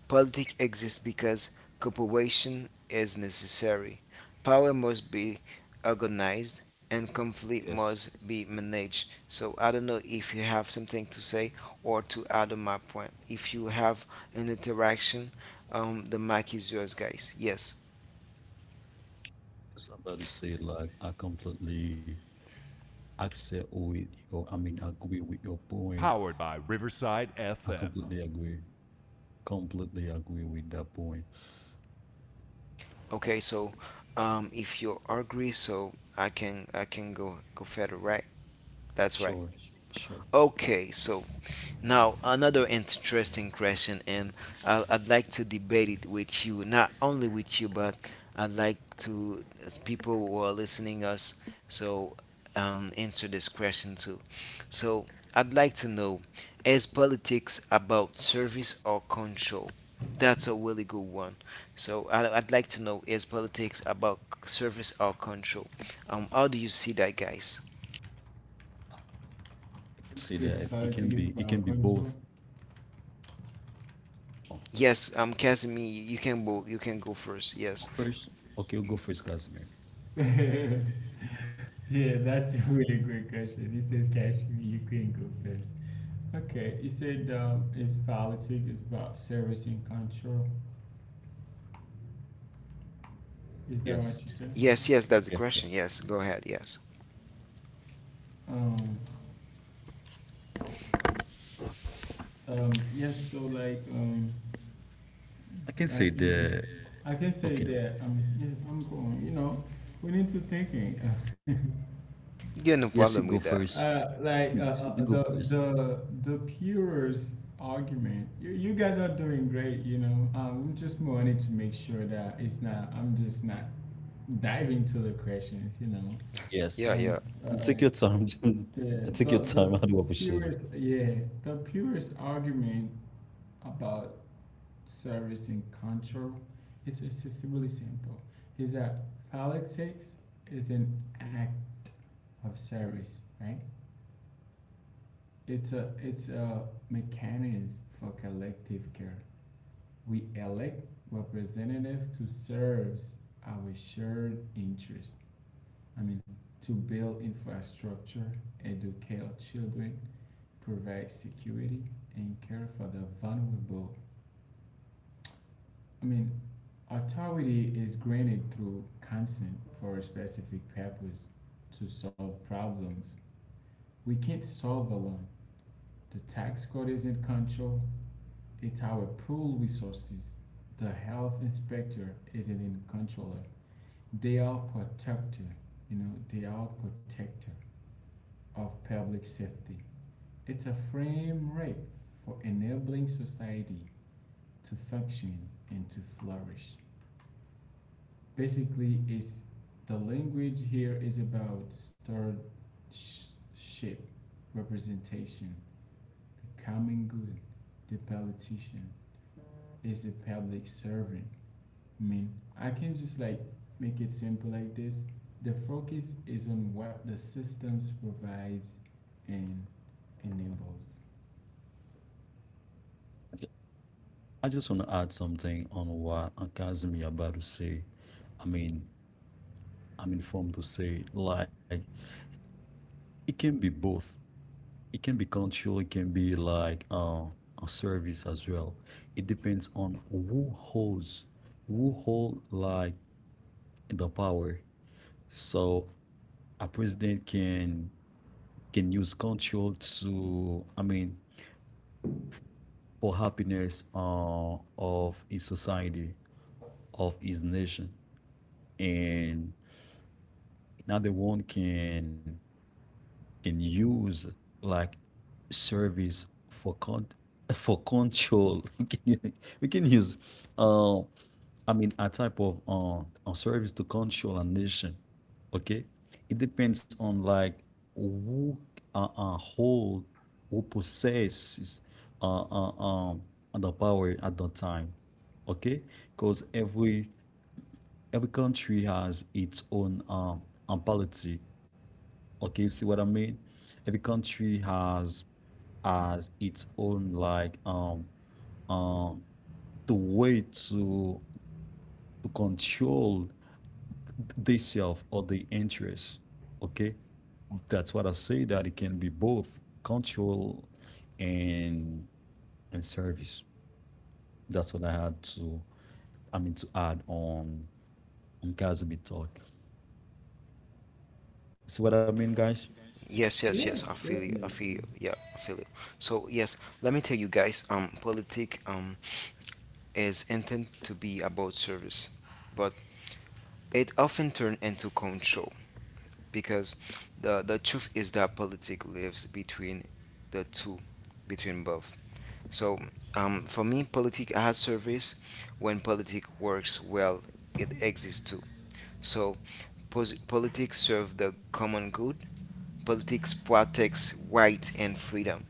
Speaker 1: politics exists because cooperation is necessary. Power must be organized and conflict
Speaker 3: Yes, I
Speaker 1: must be managed. So I don't know if you have something to say or to add on my point. If you have an interaction, the mic is yours, guys. Yes.
Speaker 3: it's about to say like I completely accept with your. I mean, agree with your point. I completely agree. Completely agree with that point.
Speaker 1: Okay. So if you agree, so I can go further, right? That's right.
Speaker 3: Sure, sure.
Speaker 1: Okay, so now another interesting question, and I'd like to debate it with you, not only with you, but I'd like to as people who are listening us. So answer this question too. So I'd like to know: is politics about service or control? That's a really good one. So I'd like to know: is politics about service or control? How do you see that, guys?
Speaker 3: I can say that
Speaker 2: If
Speaker 3: it can be it
Speaker 2: politics is
Speaker 3: can be
Speaker 2: about
Speaker 3: both.
Speaker 2: control.
Speaker 3: Oh,
Speaker 1: Yes, Casimir, you can go. You can go first.
Speaker 3: go
Speaker 1: Yes,
Speaker 3: first. Okay, you go first, Casimir.
Speaker 2: *laughs* Yeah, that's a really great question. This is catch me. You can go first. Okay, you said it's politics, it's about service and control. Is that what
Speaker 3: Yes,
Speaker 2: you said?
Speaker 1: yes, yes. That's the
Speaker 3: yes, yes.
Speaker 1: question. Yes, go ahead. Yes,
Speaker 2: Um, yes, so like,
Speaker 3: I can
Speaker 2: I
Speaker 3: say
Speaker 2: can just,
Speaker 3: that.
Speaker 2: I can say
Speaker 3: Okay.
Speaker 2: that, yeah, I'm going, you know, we need to thinking. *laughs*
Speaker 1: yeah,
Speaker 3: Yes, you
Speaker 1: no
Speaker 3: go
Speaker 1: problem with
Speaker 3: first.
Speaker 1: that.
Speaker 2: Uh, like uh,
Speaker 3: You
Speaker 2: uh,
Speaker 3: go
Speaker 2: uh, the
Speaker 3: first.
Speaker 2: the the purest argument. You guys are doing great. You know, I'm just wanted to make sure that it's not. I'm just not diving to the questions. You know,
Speaker 3: Yes.
Speaker 1: Yeah,
Speaker 2: um,
Speaker 1: yeah.
Speaker 3: Mm. Take your
Speaker 2: uh,
Speaker 3: time. *laughs* I
Speaker 2: The,
Speaker 3: take your
Speaker 2: the, the
Speaker 3: time. I do appreciate it.
Speaker 2: purest, yeah, the purest argument about service and control, it's accessibly simple, is that politics is an act of service, right? It's a mechanism for collective care. We elect representatives to serve our shared interests. I mean, to build infrastructure, educate our children, provide security and care for the vulnerable. I mean, authority is granted through consent for a specific purpose to solve problems. We can't solve alone. The tax court is in control, it's how we pool resources. The health inspector isn't in controller. They are protector, you know, they are protector of public safety. It's a frame rate for enabling society to function and to flourish. Basically, is the language here is about starship representation, the common good, the politician is a public servant. I mean, I can just like make it simple like this. The focus is on what the systems provides and enables.
Speaker 3: Okay. I just want to add something on what Casimir about to say. I mean, I'm informed to say like it can be both. It can be control. It can be like a service as well. It depends on who hold like the power. So a president can use control to, I mean, for happiness of his society, of his nation, and another one can use like service for con for control. *laughs* We can use, uh, I mean, a type of a service to control a nation. Okay, it depends on like who hold, who possesses uh, uh um the power at that time. Okay, because every country has its own policy. Okay, you see what I mean? Every country has its own like um the way to control themselves or the interest. Okay, that's what I say that it can be both control and service. That's what I had to I mean to add on Kazibi talk. See what I mean, guys?
Speaker 1: Yes, yes,
Speaker 2: Yes,
Speaker 1: yes. I feel you. I feel
Speaker 2: definitely.
Speaker 1: you. Yeah, I feel you. So yes, let me tell you guys. Politic is intended to be about service, but it often turns into control because the truth is that politics lives between the two, between both. So for me, politic as service, when politic works well, it exists too. So politics serve the common good. Politics protects right and freedom.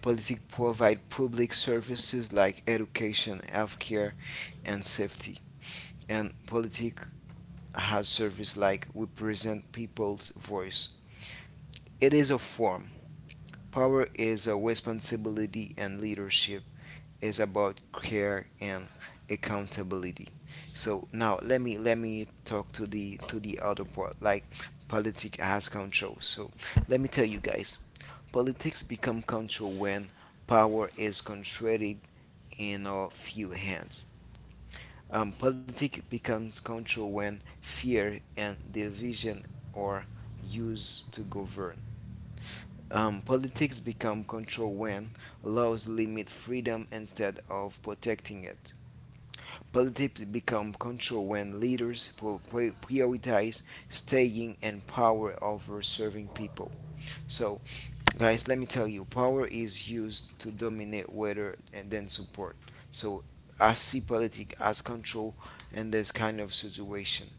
Speaker 1: Politics provide public services like education, healthcare, and safety. And politic has service like represent people's voice. It is a form. Power is a responsibility and leadership is about care and accountability. So now let me talk to the other part, like politics has control. So let me tell you guys, politics become control when power is concentrated in a few hands. Politics becomes control when fear and division are used to govern. Politics become control when laws limit freedom instead of protecting it. Politics become control when leaders prioritize staying and power over serving people. So, guys, let me tell you, power is used to dominate whether and then support. So, I see politics as control in this kind of situation.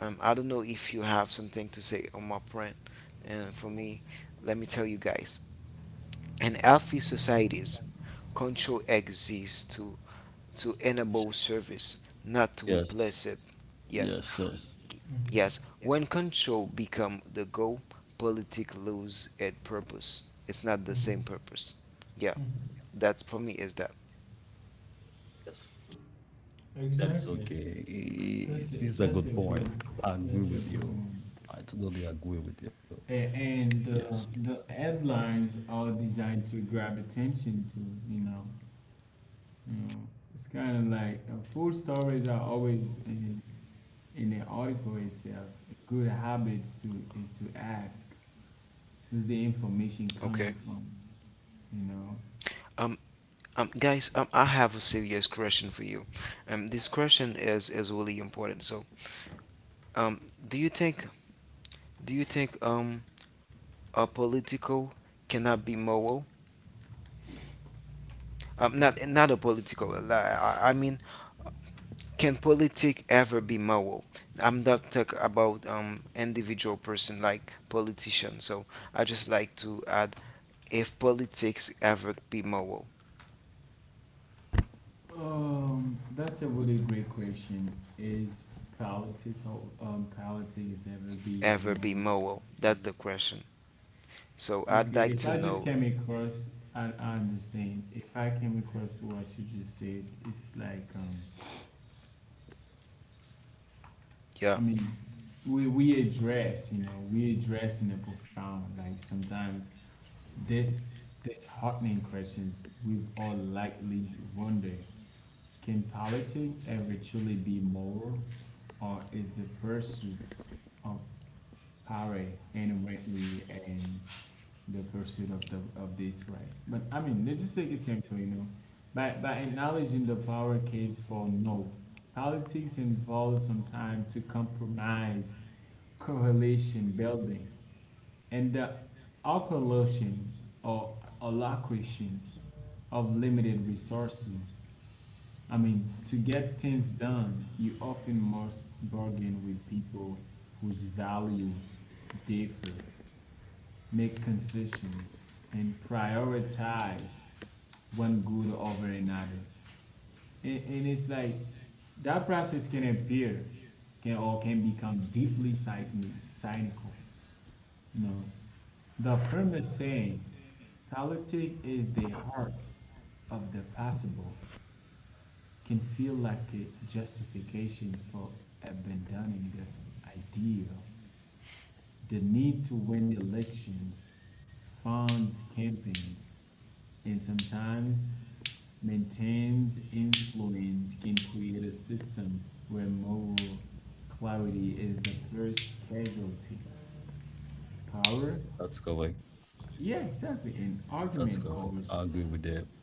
Speaker 1: I don't know if you have something to say on my friend, and for me, let me tell you guys, in healthy societies, control exists to enable service, not to
Speaker 3: Yes,
Speaker 1: replace it. Yes,
Speaker 3: yes, yes.
Speaker 1: yes. When control become the goal, politics lose its purpose. It's not the same purpose. Yeah, that's for me is that.
Speaker 3: Yes. That is
Speaker 2: Exactly.
Speaker 3: okay.
Speaker 2: That's it.
Speaker 3: It's a
Speaker 2: that's a
Speaker 3: good point.
Speaker 2: good
Speaker 3: I
Speaker 2: that's
Speaker 3: agree
Speaker 2: a
Speaker 3: with
Speaker 2: good
Speaker 3: you.
Speaker 2: one.
Speaker 3: I totally agree with you.
Speaker 2: A- and
Speaker 3: Yes,
Speaker 2: the headlines are designed to grab attention to, you know, you know, it's kind of like full stories are always in the article itself. Good habits to is to ask who's the information coming from, you know.
Speaker 1: Um, guys, I have a serious question for you. This question is really important. So, um, do you think do you think um a political cannot be moral? Not not a political. I mean, can politics ever be moral? I'm not talking about individual person like politician. So I just like to add if politics ever be moral,
Speaker 2: That's a really great question. Is political politics ever be
Speaker 1: ever be
Speaker 2: more.
Speaker 1: moral. That's the question. So I'd
Speaker 2: Okay,
Speaker 1: like
Speaker 2: if
Speaker 1: to
Speaker 2: I just
Speaker 1: know.
Speaker 2: came across and I understand, if I came across to what you just said, it's like
Speaker 1: Yeah.
Speaker 2: I mean we address, you know, we address in a profound like sometimes this disheartening questions we've all likely wonder, can politics ever truly be moral, or is the pursuit of power inherently and the pursuit of the of this right. But I mean, let's just take it simple, you know. By acknowledging the power case for no, politics involves some time to compromise, correlation building, and the occultation or allocation of limited resources. I mean, to get things done, you often must bargain with people whose values differ, make concession and prioritize one good over another. And it's like that process can appear can or can become deeply cynical. You know, the famous saying, politics is the heart of the possible, can feel like a justification for abandoning the ideal. The need to win elections funds campaigns and sometimes maintains influence can create a system where moral clarity is the first casualty. Power?
Speaker 3: that's correct.
Speaker 2: Yeah, exactly. An argument
Speaker 3: That's correct.
Speaker 2: goes,
Speaker 3: I agree with that.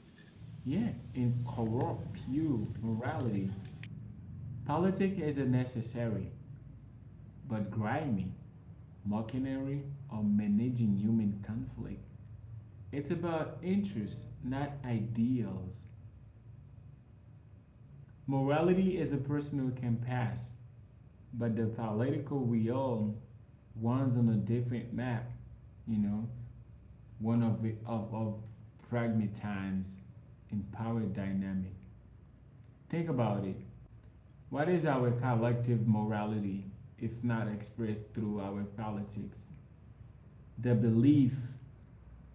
Speaker 2: yeah, and corrupt pure morality. Politics is a necessary, but grimy, mockery, or managing human conflict. It's about interests, not ideals. Morality is a personal compass. But the political wheel runs on a different map, you know, one of it, of pragmatisms and power dynamic. Think about it. What is our collective morality if not expressed through our politics? The belief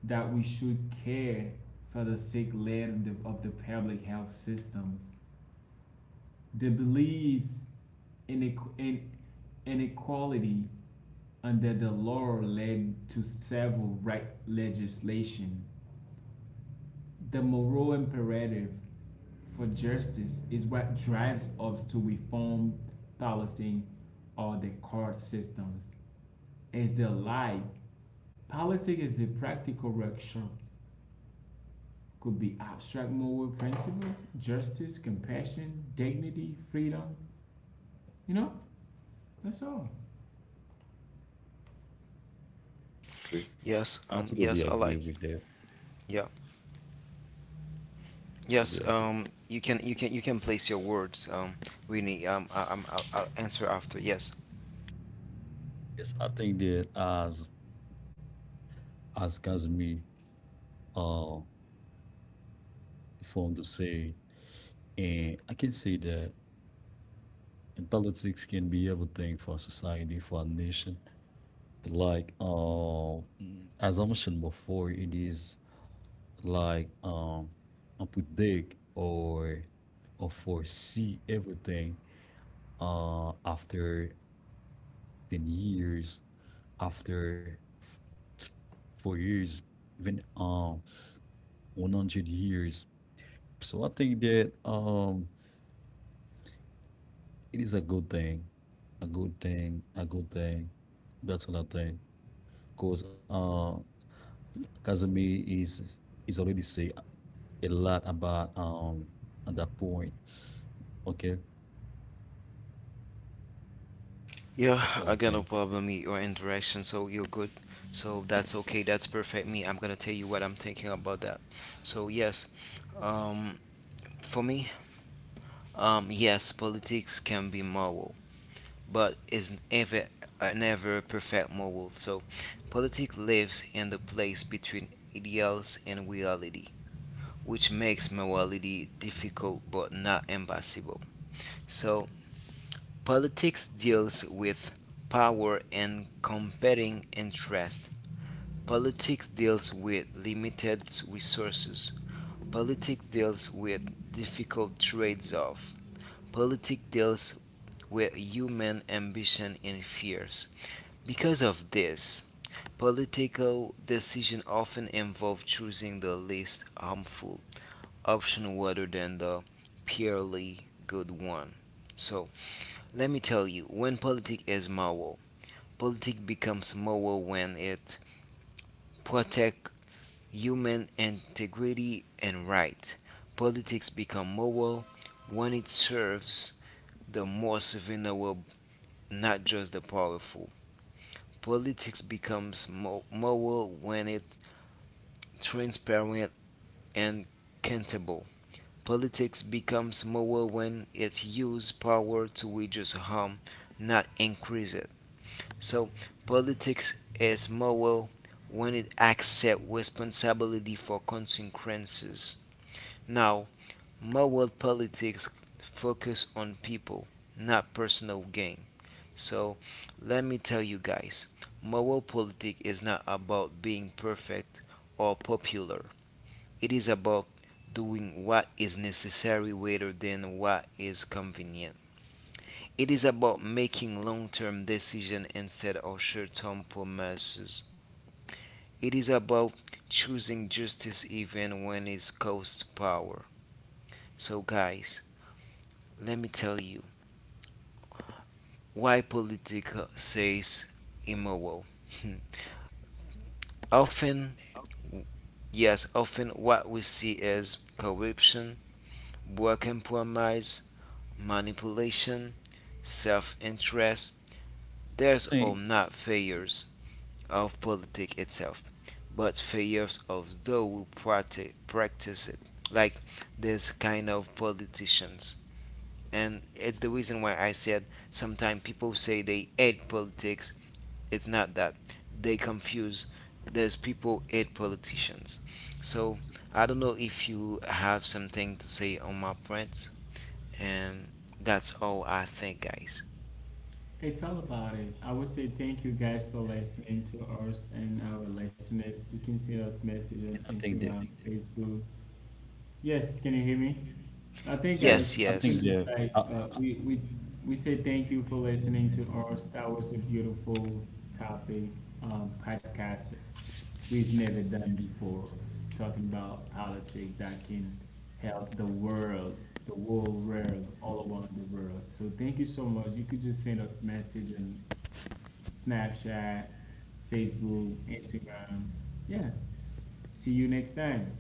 Speaker 2: that we should care for the sick led of of the public health systems, the belief in, in inequality under the law led to several right legislation. The moral imperative for justice is what drives us to reform policing or the court systems. Is the life. Politics is the practical workshop. Could be abstract moral principles, justice, compassion, dignity, freedom. You know, that's all.
Speaker 3: Agree.
Speaker 1: Yes.
Speaker 3: I totally
Speaker 1: Yes. I like.
Speaker 3: agree with that.
Speaker 1: Yeah. Yes.
Speaker 3: Totally agree.
Speaker 1: You can. You can. You can place your words. Really. I'm. I'll answer after. Yes.
Speaker 3: Yes, I think that as Kazmi uh formed to say, and I can say that in politics can be everything for a society, for a nation. Like as I mentioned before, it is like predict or foresee everything after 10 years, after t- 4 years, even 100 years. So I think that it is a good thing, a good thing. That's what I think. Because Kazumi is already say a lot about at that point. Okay.
Speaker 1: Yeah,
Speaker 3: That's all
Speaker 1: I
Speaker 3: I
Speaker 1: got no
Speaker 3: think.
Speaker 1: problem with your interaction, so you're good. So that's okay, that's perfect. Me, I'm gonna tell you what I'm thinking about that. So yes, um, for me, yes, politics can be moral, but is ever never perfect moral. So, politics lives in the place between ideals and reality, which makes morality difficult but not impossible. So politics deals with power and competing interests. Politics deals with limited resources. Politics deals with difficult trade-offs. Politics deals with human ambition and fears. Because of this, political decisions often involve choosing the least harmful option rather than the purely good one. So, let me tell you, when politics is moral, politics becomes moral when it protects human integrity and right. Politics become moral when it serves the most vulnerable, not just the powerful. Politics becomes moral when it's transparent and accountable. Politics becomes moral when it uses power to reduce harm, not increase it. So politics is moral when it accepts responsibility for consequences. Now, moral politics focus on people, not personal gain. So, let me tell you guys, moral politics is not about being perfect or popular. It is about doing what is necessary rather than what is convenient. It is about making long-term decisions instead of short-term promises. It is about choosing justice even when it costs power. So, guys, let me tell you why politics says immoral. *laughs* Often, yes, often what we see is corruption, poor compromise, manipulation, self-interest. There's
Speaker 3: I
Speaker 1: all
Speaker 3: think,
Speaker 1: not failures of politics itself, but failures of those who practice it, like this kind of politicians. And it's the reason why I said sometimes people say they hate politics. It's not that they confuse. There's people hate politicians. So I don't know if you have something to say on my points, and that's all I think, guys.
Speaker 2: It's all about it. I would say thank you guys for listening to us and our listeners. You can see us
Speaker 3: I
Speaker 2: message on
Speaker 3: think that,
Speaker 2: Instagram, Facebook. Yes, can you hear me? I think
Speaker 3: yes, I
Speaker 2: guys,
Speaker 1: Yes,
Speaker 2: you
Speaker 3: think
Speaker 2: can
Speaker 1: yes.
Speaker 3: that,
Speaker 2: just like
Speaker 3: I
Speaker 2: we say thank you for listening to us. That was a beautiful topic, podcast we've never done before, talking about politics that can help the world, all around the world. So thank you so much. You could just send us message on Snapchat, Facebook, Instagram. Yeah. See you next time.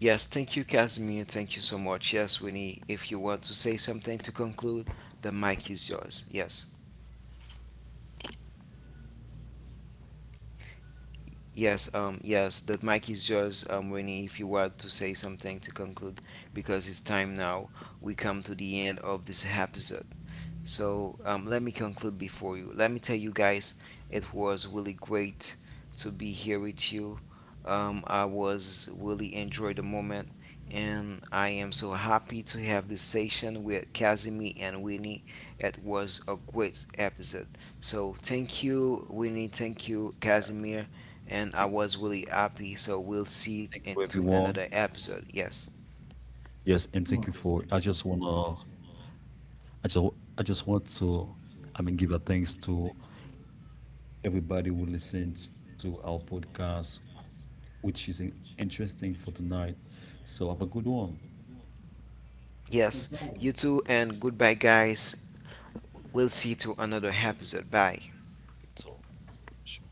Speaker 1: Yes, thank you, Casimir. Thank you so much. Yes, Winnie, if you want to say something to conclude, the mic is yours. Yes. Yes, yes, the mic is yours, Winnie, if you want to say something to conclude, because it's time now. We come to the end of this episode. So let me conclude before you. Let me tell you guys, it was really great to be here with you. I was really enjoyed the moment, and I am so happy to have this session with Casimir and Winnie. It was a great episode. So thank you, Winnie. Thank you, Casimir. And I
Speaker 3: thank,
Speaker 1: was really happy. So we'll see it
Speaker 3: thank you
Speaker 1: into another
Speaker 3: everyone.
Speaker 1: episode. Yes.
Speaker 3: Yes, and
Speaker 2: Come
Speaker 3: thank
Speaker 2: on.
Speaker 3: you for, I just, I just want to, I mean, give a thanks to everybody who listened to our podcast, which is interesting for tonight. So have a good one.
Speaker 2: No
Speaker 1: Yes. You
Speaker 2: problem.
Speaker 1: too. And goodbye, guys. We'll see you to another episode. Bye.
Speaker 3: It's all. Sure.